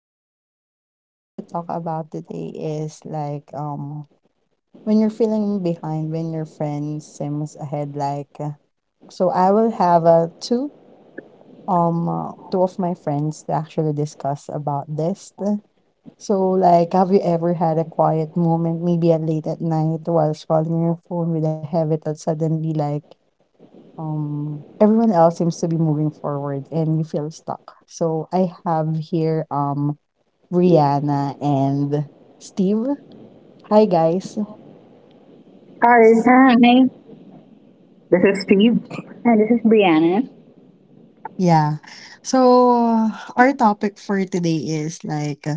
Kayla. So what we're going to talk about today is like when you're feeling behind, when your friend seems ahead, like so I will have two of my friends to actually discuss about this. So like, have you ever had a quiet moment, maybe at late at night, while scrolling your phone with a habit that suddenly, like everyone else seems to be moving forward and you feel stuck? So I have here Rihanna and Steve. Hi, guys. Hi, Yes. Hi, this is Steve. And this is Brianna. Yeah. So our topic for today is like,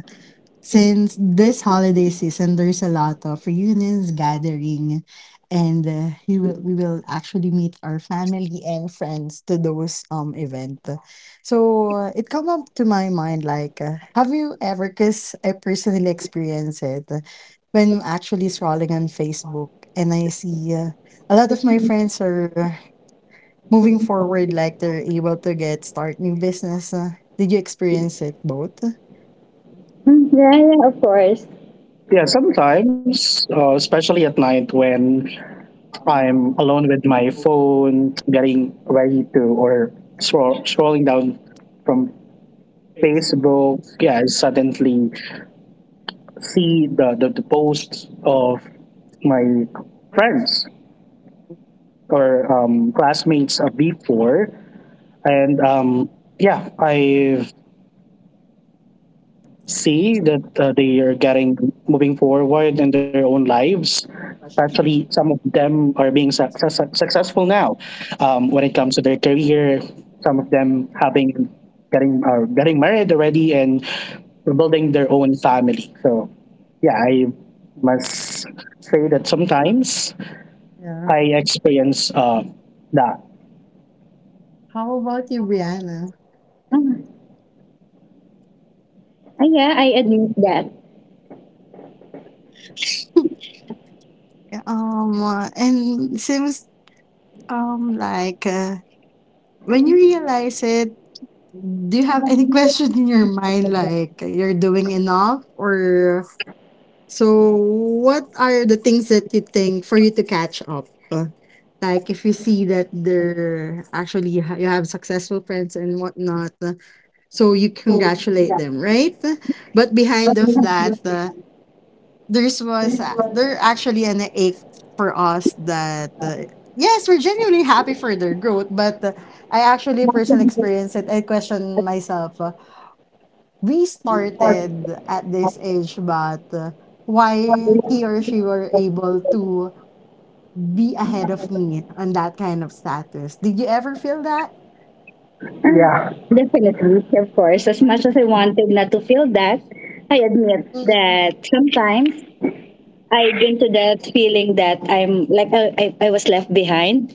since this holiday season, there's a lot of reunions, gathering, and we will actually meet our family and friends to those event. So it come up to my mind like, have you ever? Cause I personally experience it, when actually scrolling on Facebook and I see, a lot of my friends are, moving forward, like they're able to get start new business. Did you experience it, both? Mm, yeah, yeah, of course. Yeah, sometimes, especially at night when I'm alone with my phone, getting ready to or scrolling down from Facebook, yeah, I suddenly see the posts of my friends or classmates before. And yeah, I see that they are getting moving forward in their own lives. Especially, some of them are being successful now, when it comes to their career. Some of them having getting are getting married already and building their own family. So, yeah, I must say that sometimes I experience that. How about you, Brianna? Oh, yeah, I admit And seems, like, when you realize it, do you have any question in your mind like you're doing enough or so? What are the things that you think for you to catch up? Like, if you see that they're actually, you have successful friends and whatnot, so you that. congratulate them, right? But behind of that, there actually an ache for us that, yes, we're genuinely happy for their growth, but, I actually personally experienced it. I question myself. We started at this age, but why he or she were able to be ahead of me on that kind of status? Did you ever feel that? Yeah. Definitely, of course. As much as I wanted not to feel that, I admit Mm. that sometimes I get to that feeling that I'm like I was left behind.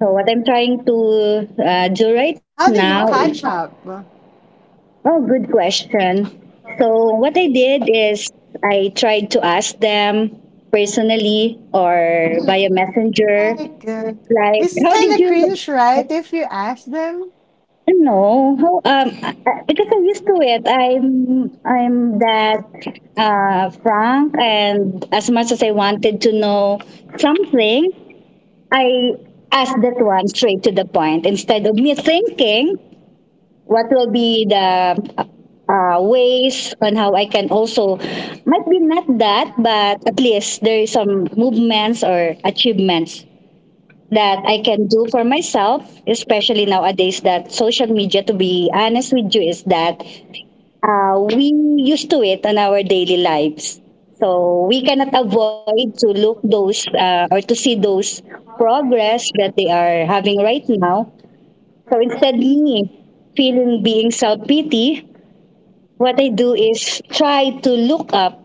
So what I'm trying to do right How now. did you catch up? Oh, good question. So what I did is I tried to ask them personally or Mm. via messenger, Like, like it's how kind did of you. cringe, right, if you ask them? No, how because I'm used to it. I'm that frank, and as much as I wanted to know something, I asked that one straight to the point instead of me thinking what will be the ways on how I can also, might be not that, but at least there is some movements or achievements that I can do for myself, especially nowadays that social media, to be honest with you, is that, we used to it on our daily lives. So we cannot avoid to look those, or to see those progress that they are having right now. So instead me feeling being self-pity, what I do is try to look up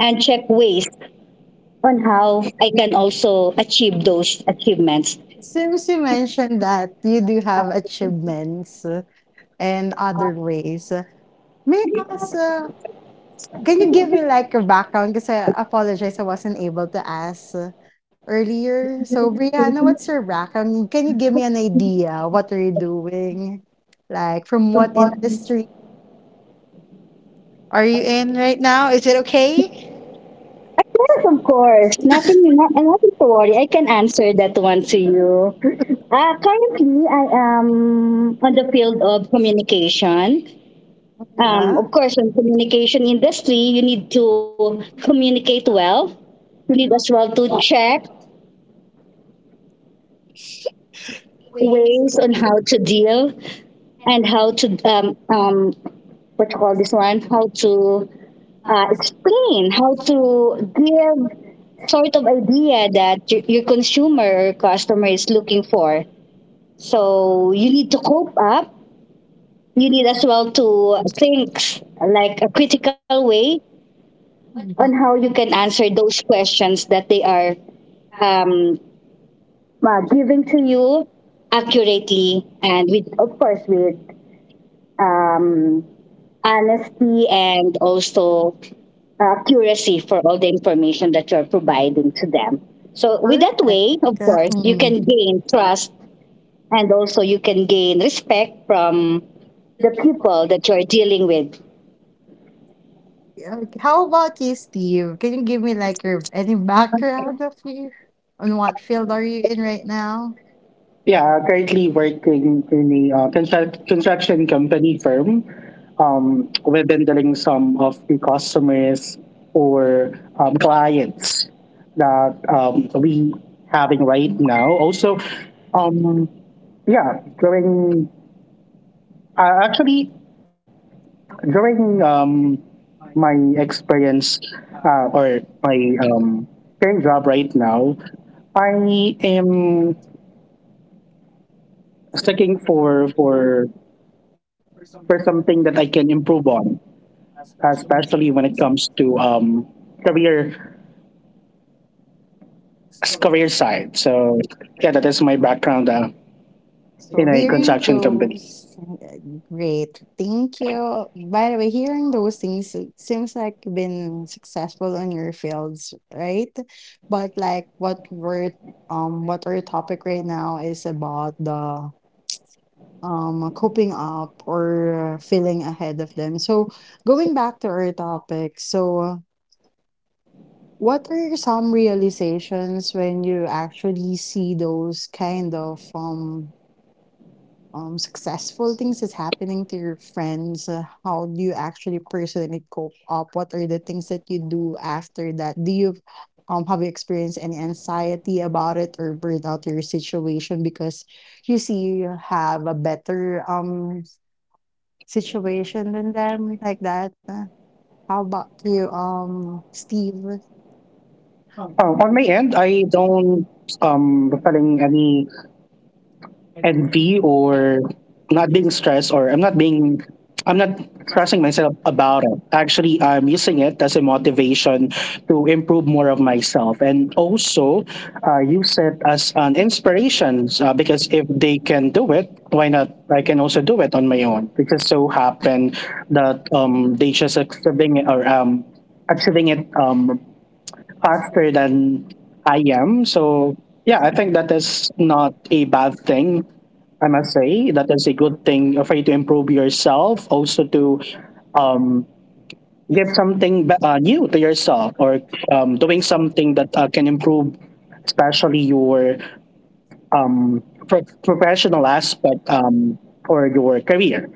and check ways on how I can also achieve those achievements. Since you mentioned that you do have achievements, and other ways, may I ask, can you give me like a background? Because I apologize, I wasn't able to ask earlier. So, Brianna, what's your background? Can you give me an idea? What are you doing? Like, from what industry are you in right now? Is it okay? Yes, of course. Nothing, nothing to worry. I can answer that one to you. Currently, I am on the field of communication. Yeah. Of course, in communication industry, you need to communicate well. You need as well to check ways on how to deal and how to what you call this one? How to explain, how to give sort of idea that your consumer or customer is looking for. So you need to cope up. You need as well to think like a critical way on how Mhm. you can answer those questions that they are um, giving to you accurately, and with, of course, with um, honesty and also curacy for all the information that you're providing to them. So, with that Perfect. way, of course, you Mm. can gain trust, and also you can gain respect from the people that you're dealing with. Yeah, okay. How about you, Steve? Can you give me like your any background of you on what field are you in right now? Yeah, currently working in a construction company firm. We are handling some of the customers or clients that we having right now. Also, um, yeah, going actually, during my experience or my um, current job right now, I am seeking for something that I can improve on, especially when it comes to career career side. So yeah, that is my background, So in a hearing construction company. those, great, thank you. By the way, hearing those things, it seems like you've been successful on your fields, right? But like, what our topic right now is about the coping up or, feeling ahead of them. So going back to our topic, so. What are some realizations when you actually see those kind of, successful things that's happening to your friends? How do you actually personally cope up? What are the things that you do after that? Do you have you experienced any anxiety about it or burnt out your situation because you see you have a better situation than them like that? How about you, Steve? On my end, I don't feeling any envy, or not being stressed, or I'm not stressing myself about it. Actually, I'm using it as a motivation to improve more of myself, and also use it as an inspiration, because if they can do it, why not? I can also do it on my own. It just so happened that, they just achieving it, faster than I am. So yeah, I think that is not a bad thing. I must say that is a good thing for you to improve yourself, also to um, give something new to yourself, or doing something that can improve, especially your professional aspect, or your career.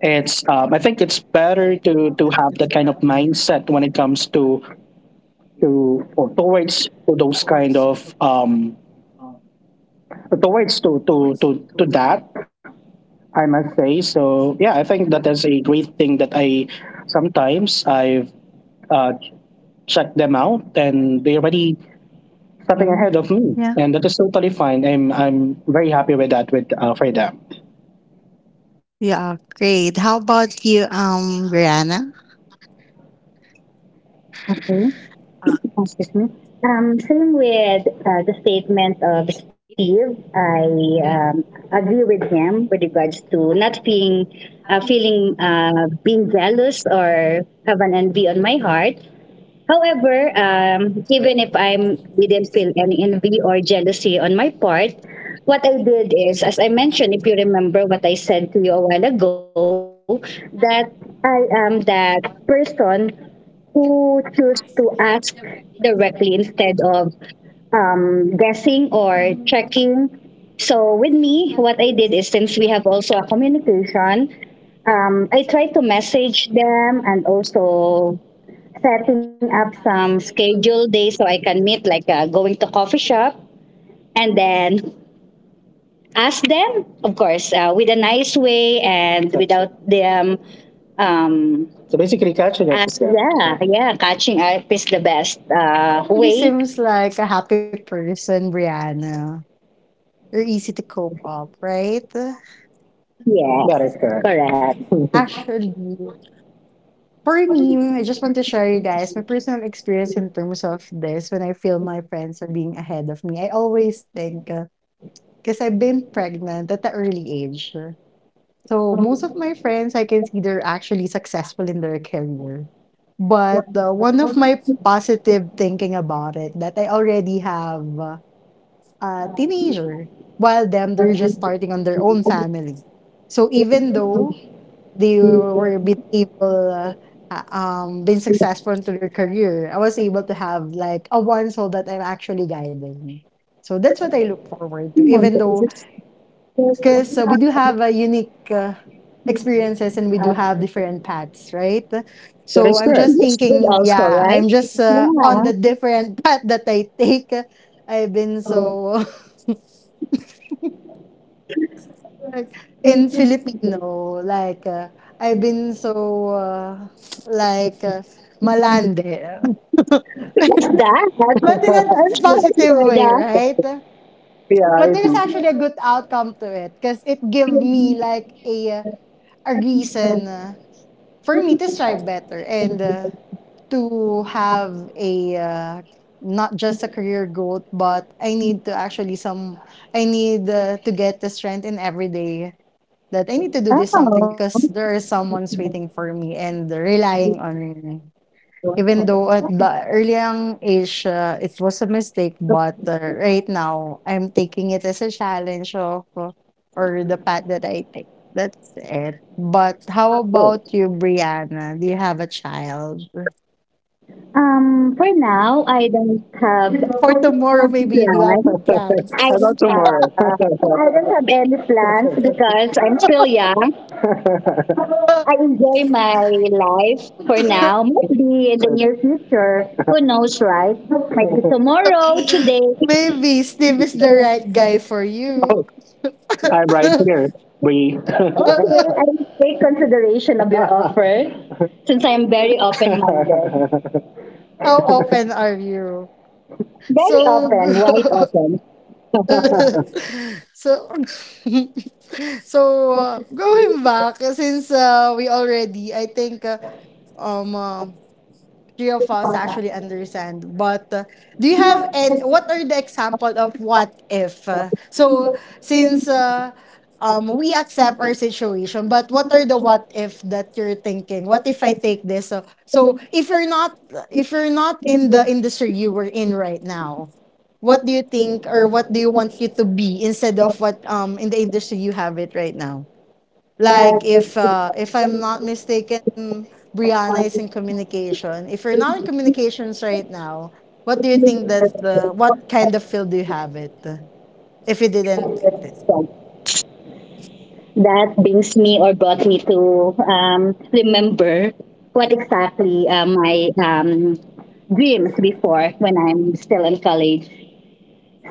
It's I think it's better to have that kind of mindset when it comes to or towards to those kind of, towards to that I must say. So yeah, I think that is a great thing that I sometimes I've uh, checked them out, and they're already stepping ahead Mhm. of me, and that is totally fine. I'm very happy with that, with for them. Yeah, great. How about you, Brianna? Uh, Excuse me. Same with the statement of Steve. I agree with him with regards to not being, feeling, being jealous, or have an envy on my heart. However, even if I didn't feel any envy or jealousy on my part, what I did is, as I mentioned, if you remember what I said to you a while ago, that I am that person who choose to ask directly, instead of guessing or checking. So with me, what I did is, since we have also a communication, I tried to message them, and also setting up some schedule days so I can meet, like, going to coffee shop, and then ask them, of course, with a nice way, and without them. So basically, yeah, yeah, catching up is the best Really way. seems like a happy person, Brianna. You're easy to cope up, right? Yeah, got it, correct, correct. Actually, for me, I just want to share you guys my personal experience in terms of this. When I feel my friends are being ahead of me, I always think, because I've been pregnant at the early age. So most of my friends, I can see they're actually successful in their career. But one of my positive thinking about it, that I already have a teenager, while them, they're just starting on their own family. So even though they were been able, been successful into their career, I was able to have like a one soul that I'm actually guiding. So that's what I look forward to, even though, because we do have a unique. Experiences, and we do have different paths, right? That So is I'm correct. just That's good thinking, also, yeah, I'm right? just on the different path that I take. I've been so like, in Yeah. Filipino, like. I've been so like, malande, but in That a positive way, happens. right? But Yeah, it there's actually a good is. outcome to it, because it gave me like a reason, for me to strive better. And to have a, not just a career growth, but I need to actually some I need, to get the strength in every day, that I need to do this something because there is someone's waiting for me and relying on me. Even though at the early young age, it was a mistake, but right now I'm taking it as a challenge of, or the path that I take. That's it. But how Oh. Oh. about you, Brianna? Do you have a child? For now, I don't have plans. I For tomorrow, maybe you do have plans. About don't tomorrow. I don't have any plans because I'm still young. I enjoy my life for now. Maybe in the near future, who knows, right? Maybe tomorrow, today. Maybe Steve is the Oh, right guy for you. I'm right here. We Okay, I will take consideration of your offer since I am very open minded. How open are you? Very So, open, wide good. open. So, going back, since we already, I think, um, uh, three of us actually understand. But do you have, and what are the example of what if? So, since we accept our situation, but what are the what if that you're thinking? What if I take this? So, if you're not in the industry you were in right now, what do you think, or what do you want you to be, instead of what in the industry you have it right now? Like, if I'm not mistaken, Brianna is in communication. If you're not in communications right now, what do you think that the what kind of field do you have it, if you didn't take this? That brings me or brought me to, remember what exactly my, dreams before when I'm still in college.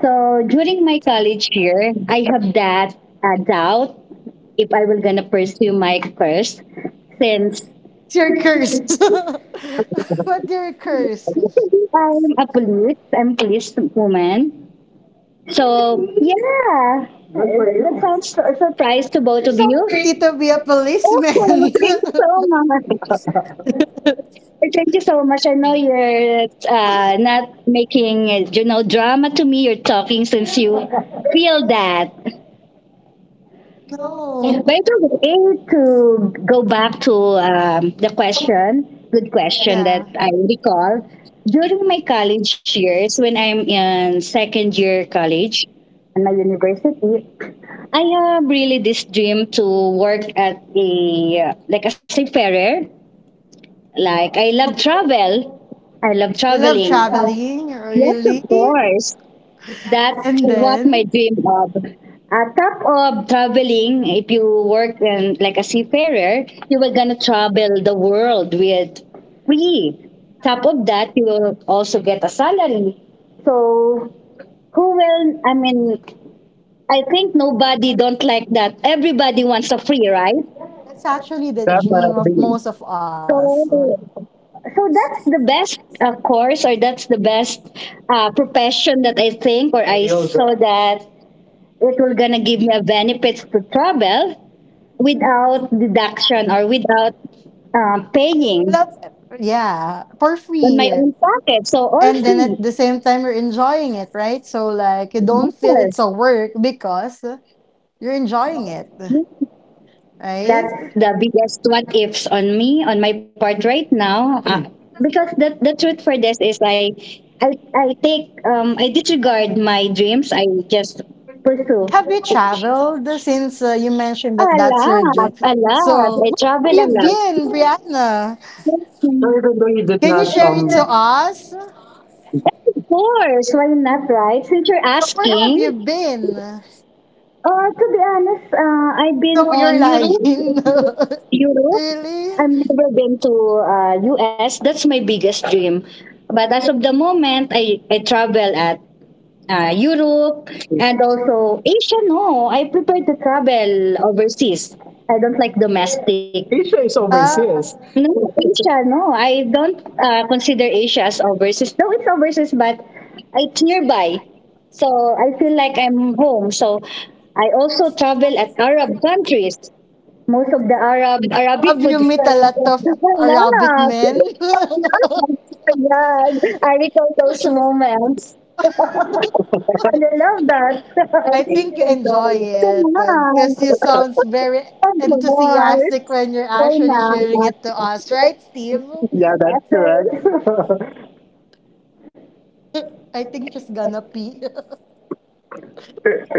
So during my college year, I have that doubt if I will gonna pursue my course, since It's your curse. What your curse? I'm police woman. So yeah, that sounds a surprise to both of So pretty you. to be a Oh, policeman. thank you so much. Thank you so much. I know you're not making drama to me. You're talking since you feel that. No. But it's okay to go back to, the question. Good question Yeah. that I recall during my college years when I'm in second year college in my university. I have really this dream to work at a, like a seafarer. Like, I love travel. I love You love traveling. traveling, Yes, of really? course. That's And what my then, dream of. On top of traveling, if you work in, like a seafarer, you were gonna travel the world with free. Top of that, you will also get a salary. So who will? I mean, I think nobody don't like that. Everybody wants a free, right? that's actually the dream of Definitely. most of us. So, so that's the best course, or that's the best profession that I think, or I saw that it will gonna give me a benefits to travel without deduction, or without paying Well, yeah, for on my free. own pocket. So all And then at free. the same time, you're enjoying it, right? So, like, you don't feel it's Yes. a work because you're enjoying it, right? That's the biggest what ifs on me, on my part right now, because the truth for this is, I disregard my dreams. I just pursue, Have you traveled since, you mentioned that a that's your lot, dream? a lot. So, I travel where a have you lot. been, Brianna? So even though you did Can you not, share it to us? of course, why not, right, since you're So, where have asking. you been? To be honest, I've No, been you're on lying. Europe. Europe. Really? I've never been to, US. That's my biggest dream. But as of the moment, I travel at, Europe, and also Asia. No, I prefer to travel overseas. I don't like domestic. Asia is Ah, overseas. No, Asia, no. I don't consider Asia as overseas. Though it's overseas, but it's nearby. So I feel like I'm home. So I also travel at Arab countries. Most of the have Arabic food. you met a lot of Arabic Wala. men? Ayan. I recall those moments. I love that. So I nice. think you enjoy Thank it because you sounds very you, Lord. enthusiastic when you're So actually sharing it to us, nice. right, Steve? Yeah, that's correct. I think she's gonna pee.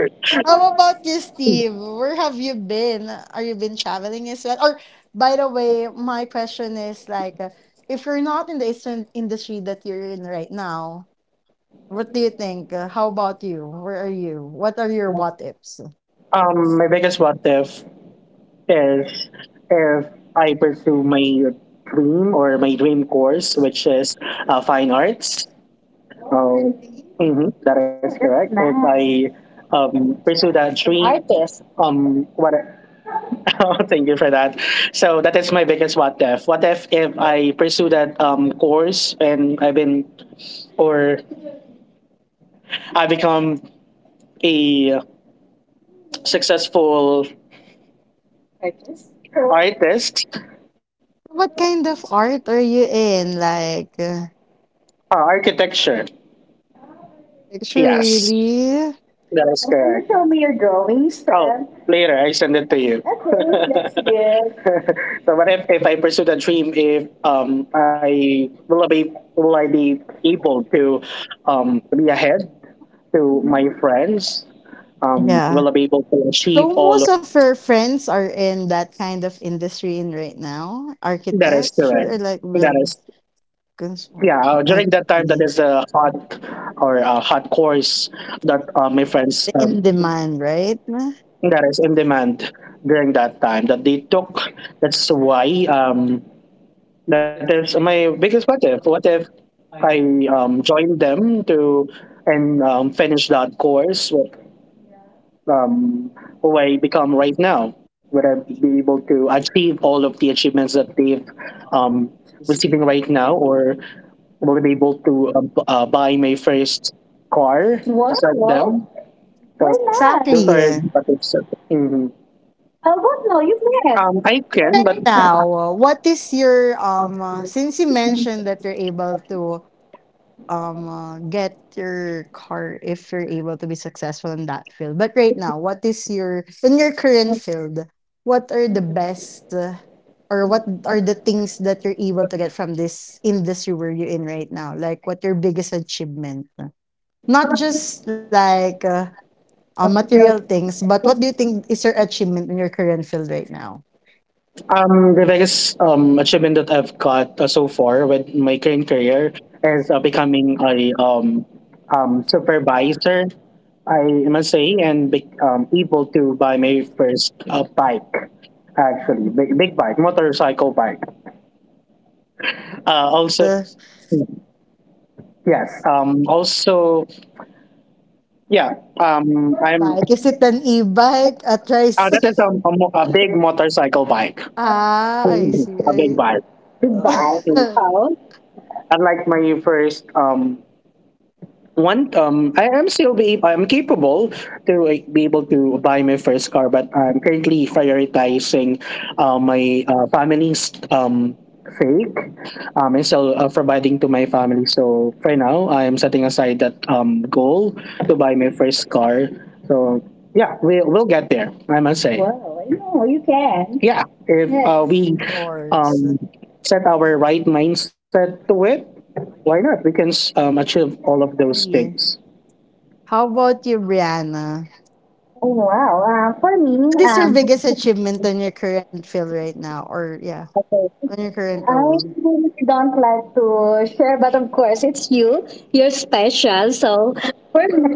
How about you, Steve? Where have you been? Are you been traveling as well? Or, by the way, my question is like, if you're not in the Eastern industry that you're in right now, what do you think? How about you? Where are you? What are your what ifs? My biggest what if is, if I pursue my dream, or my dream course, which is, fine arts. Um, mhm, that is correct. If. Nice. I, pursue that dream. Artist. What? Oh, thank you for that. So that is my biggest what if. What if I pursue that, course, and I've been or I become a successful. Artist? What kind of art are you in? Like. Architecture. Picture Yes, really. that is. Can you correct. Show me your drawings? Oh, Then? Later I send it to you. Okay, that's good. So what if I pursue that dream? If, I will I be able to, be ahead to my friends, Yeah. will I be able to So achieve most all of. of her friends are in that kind of industry in right now, That is architecture, or correct. like That building is. Yeah. construction. I During that time, see. that is a hot or a hot course that my The friends in demand, right? that is in demand during that time that they took. That's why that is my biggest what if. What if I joined them to and finish that course? um, who I become right now. Would I be able to achieve all of the achievements that they've um, receiving right now, or will I be able to buy my first car. Wow, just like them? Wow. Why So not? Those are Exactly. the topics. Mhm. How about no? You can. I can, Right but now, what is your um? Since you mentioned that you're able to, get your car if you're able to be successful in that field. But right now, what is your in your current field? What are the best, or what are the things that you're able to get from this industry where you're in right now? Like, what your biggest achievement? Not just like, material things, but what do you think is your achievement in your current field right now? The biggest achievement that I've got so far with my current career is becoming a supervisor, I must say, and be, able to buy my first bike, actually, big, big bike, motorcycle bike. Also, The yes, also, yeah, bike, is it an e-bike? A that tricycle? is a, a big motorcycle bike, Ah, I see. a big bike. I Big bike. Oh. Unlike my first one, I'm capable to, like, be able to buy my first car, but I'm currently prioritizing my family's sake and still providing to my family. So for now, I am setting aside that goal to buy my first car. So yeah, we'll get there. I must say, whoa, no, you can. Yeah, if yes, we course. um, set our right mindset to it, why not? We can achieve all of those Yeah. things. How about you, Brianna? Oh wow! For me, What is your biggest achievement on your current field right now? Or yeah, okay, on your current I role? really don't like to share, but of course, it's you. You're special. So for me,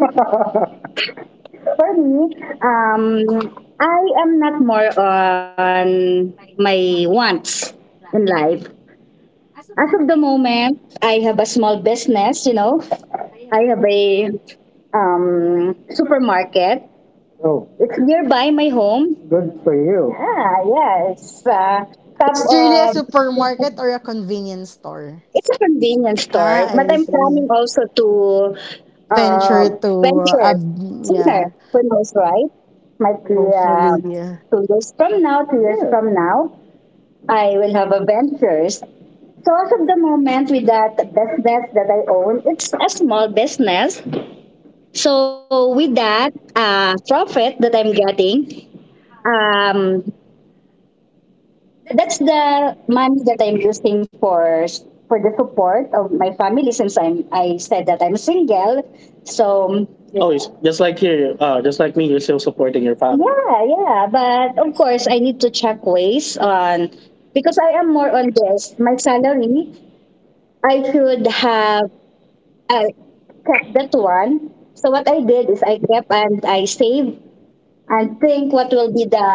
for me, um, I am not more on my wants in life. As of the moment, I have a small business. You know, I have a supermarket. Oh, it's nearby my home. Good for you. Ah, yeah, it's top It's really a of supermarket or a convenience store? it's a convenience Ah, store, but I I'm see. planning also to uh, Venture to uh, venture ab- sooner. yeah. Who knows, right? Might be Hopefully, yeah. 2 years from now, 2 years from now, I will have a ventures. So as of the moment, with that business that I own, it's a small business. So with that profit that I'm getting, um, that's the money that I'm using for the support of my family since I said that I'm single. So oh, it's just like you, just like me, you're still supporting your family. Yeah, yeah. But of course, I need to check ways on because I am more on this. My salary, I should have uh, kept that one. So what I did is I kept and I saved and think what will be the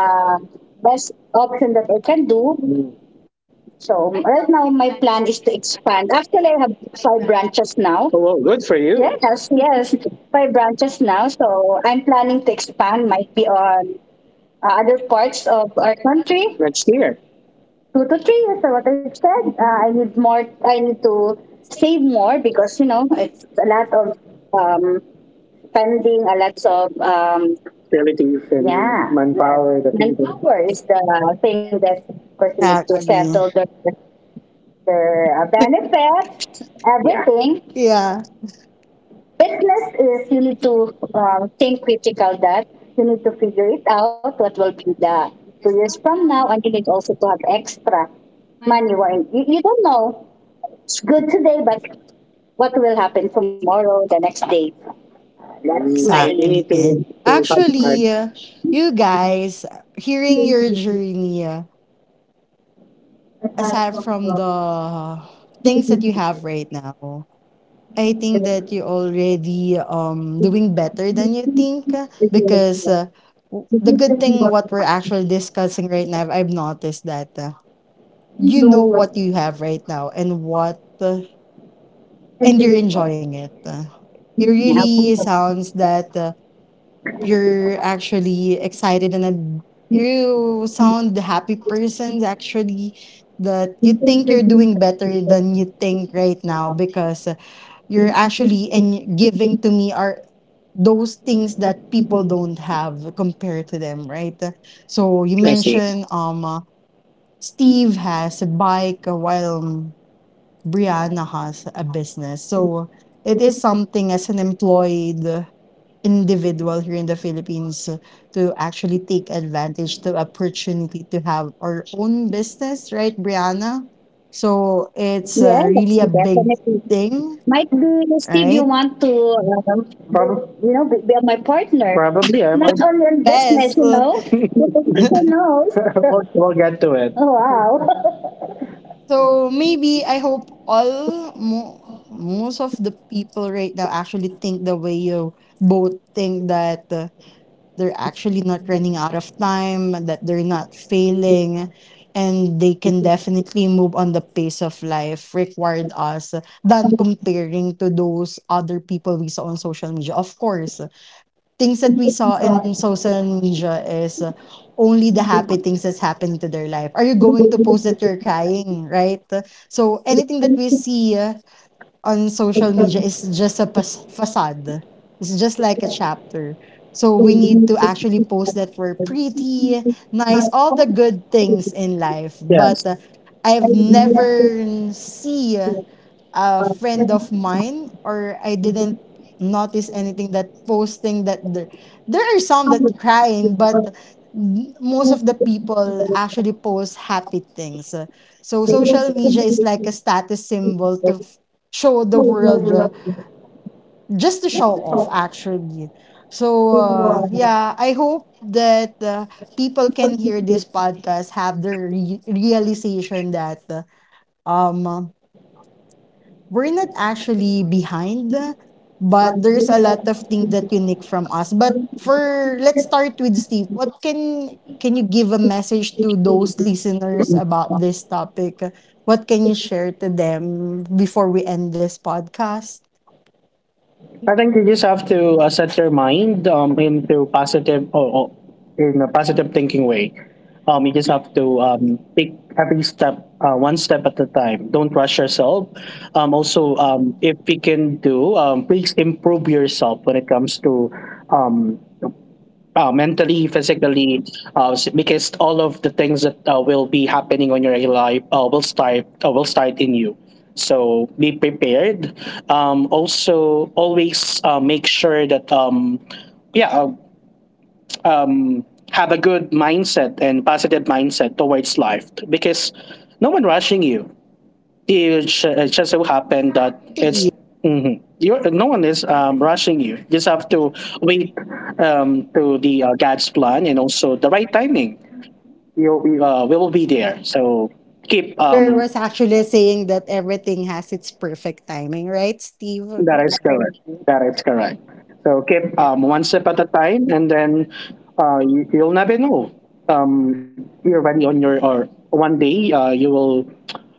best option that I can do. So right now my plan is to expand. Actually, I have five branches now. Oh, well, good for you. Yes, yes, five branches now. So I'm planning to expand. Might be on other parts of our country. Let's hear. 2 to 3 years, what I've said. I need more. I need to save more because you know it's a lot of um, spending, a lot of abilities and yeah, manpower, the and people. Poor is the thing that of course you need to settle the Exactly. the benefits, everything. Yeah. Yeah, Business is you need to think critical that you need to figure it out what will be the 2 years from now, and you need also to have extra money. Wherein you don't know it's good today, but what will happen tomorrow, the next day. That's Mm, my correct. You need exactly. Actually, you guys, hearing your journey, aside from the things that you have right now, I think that you're already, doing better than you think, because, w the to good thing have what we're heart. actually discussing right now, I've noticed that, you you know know what what you have right now and you're engineering was. enjoying it. It Now, please, really sounds that, you're actually excited, and, you sound the happy person actually, that you think you're doing better than you think right now, because you're actually and giving to me are those things that people don't have compared to them, right? So you I see. mentioned, Steve has a bike, while, Brianna has a business. So it is something as an employed, individual here in the Philippines, to actually take advantage to opportunity to have our own business, right, Brianna? So it's, Yeah, that's really a big definitely. thing, Might be, Steve, you right? want to, you know, be my partner. Probably. I not might. only in business, Best. you know. but the people knows? We'll get to it. Oh, So maybe I hope all most of the people right now actually think the way you both think, that they're actually not running out of time, that they're not failing, and they can definitely move on the pace of life required us, than comparing to those other people we saw on social media. Of course, things that we saw in social media is, only the happy things that's happening to their life. Are you wow. going to post that you're crying, right? So anything that we see, on social media is just a facade. It's just like a chapter. So we need to actually post that we're pretty, nice, all the good things in life. But Yes. Yes. I've never see a friend of mine, or I didn't notice anything that posting that there are some that crying, but most of the people actually post happy things. So social media is like a status symbol to show the world, just to show off actually. So yeah, I hope that, people can hear this podcast, have the realization that, um we're not actually behind, but there's a lot of things that unique from us. But for let's start with Steve. What can you give a message to those listeners about this topic? What can you share to them before we end this podcast? I think you just have to set your mind into positive or in a positive thinking way. You just have to take every step, one step at a time. Don't rush yourself. Also, if you can do, please improve yourself when it comes to um, mentally, physically, because all of the things that will be happening on your life will start in you. So be prepared. Also, always make sure that yeah, uh, um, have a good mindset and positive mindset towards life because no one rushing you it, it just so happened that Actually, it's mhm. No one is rushing you. You just have to wait to the God's plan and also the right timing. You, we will be there. So keep there was actually a saying that everything has its perfect timing, right, Steve? that is correct. That is correct. So keep one step at a time, and then you'll never know. You're already on your or one day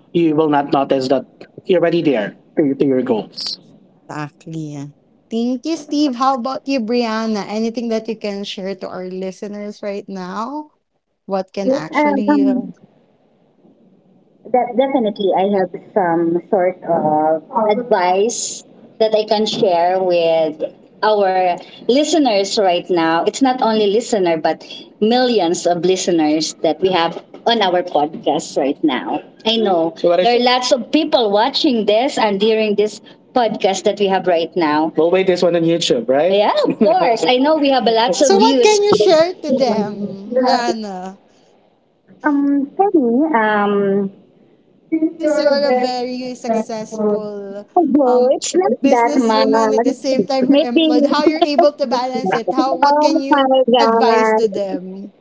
you will not notice that you're already there to your goals. Exactly. Thank you, Steve. How about you, Brianna? Anything that you can share to our listeners right now? What can Yes, actually definitely, I have some sort of advice that I can share with our listeners right now. It's not only listener, but millions of listeners that we have on our podcast right now. I know so what there are should, lots of people watching this and hearing this podcast that we have right now. We'll wait this one on YouTube, right? Yeah, of course. I know we have lots so of what views. can you share to them, Rihanna, For me, choose since you your are a values very except for successful um although it's not that businesswoman? At the much. same time, you're employed. How you're Maybe. able to balance it? How What can Oh you my advise to god. them?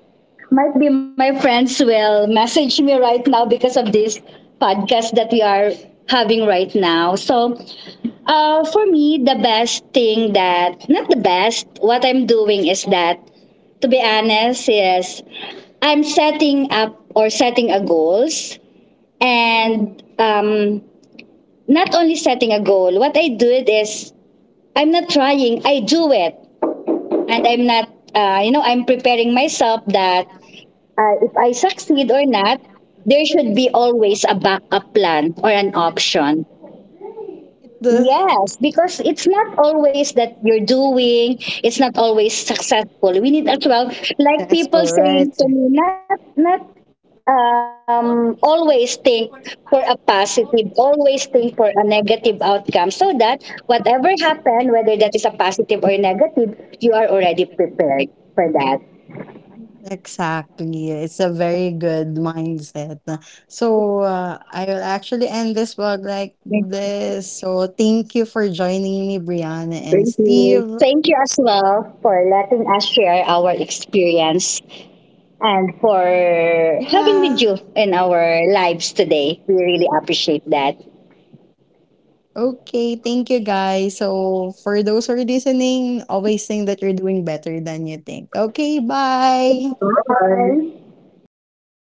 Might be my friends will message me right now because of this podcast that we are having right now. So, for me, the best thing that, not the best, what I'm doing is that, to be honest, is I'm setting up or setting a goals and not only setting a goal, what I did is I'm not trying, I do it. And I'm not, you know, I'm preparing myself that if I succeed or not, there should be always a backup plan or an option. The Yes, because it's not always that you're doing, it's not always successful. We need as well, like successful, people right? saying to me, not always think for a positive, always think for a negative outcome. So that whatever happen, whether that is a positive or negative, you are already prepared for that. Exactly, it's a very good mindset. So I will actually end this vlog like this. So thank you for joining me, Brianna and Thank you. Steve. Thank you as well for letting us share our experience and for having with Yeah. you in our lives today. We really appreciate that. Okay, thank you guys. So for those who are listening, always think that you're doing better than you think. Okay, bye. Bye.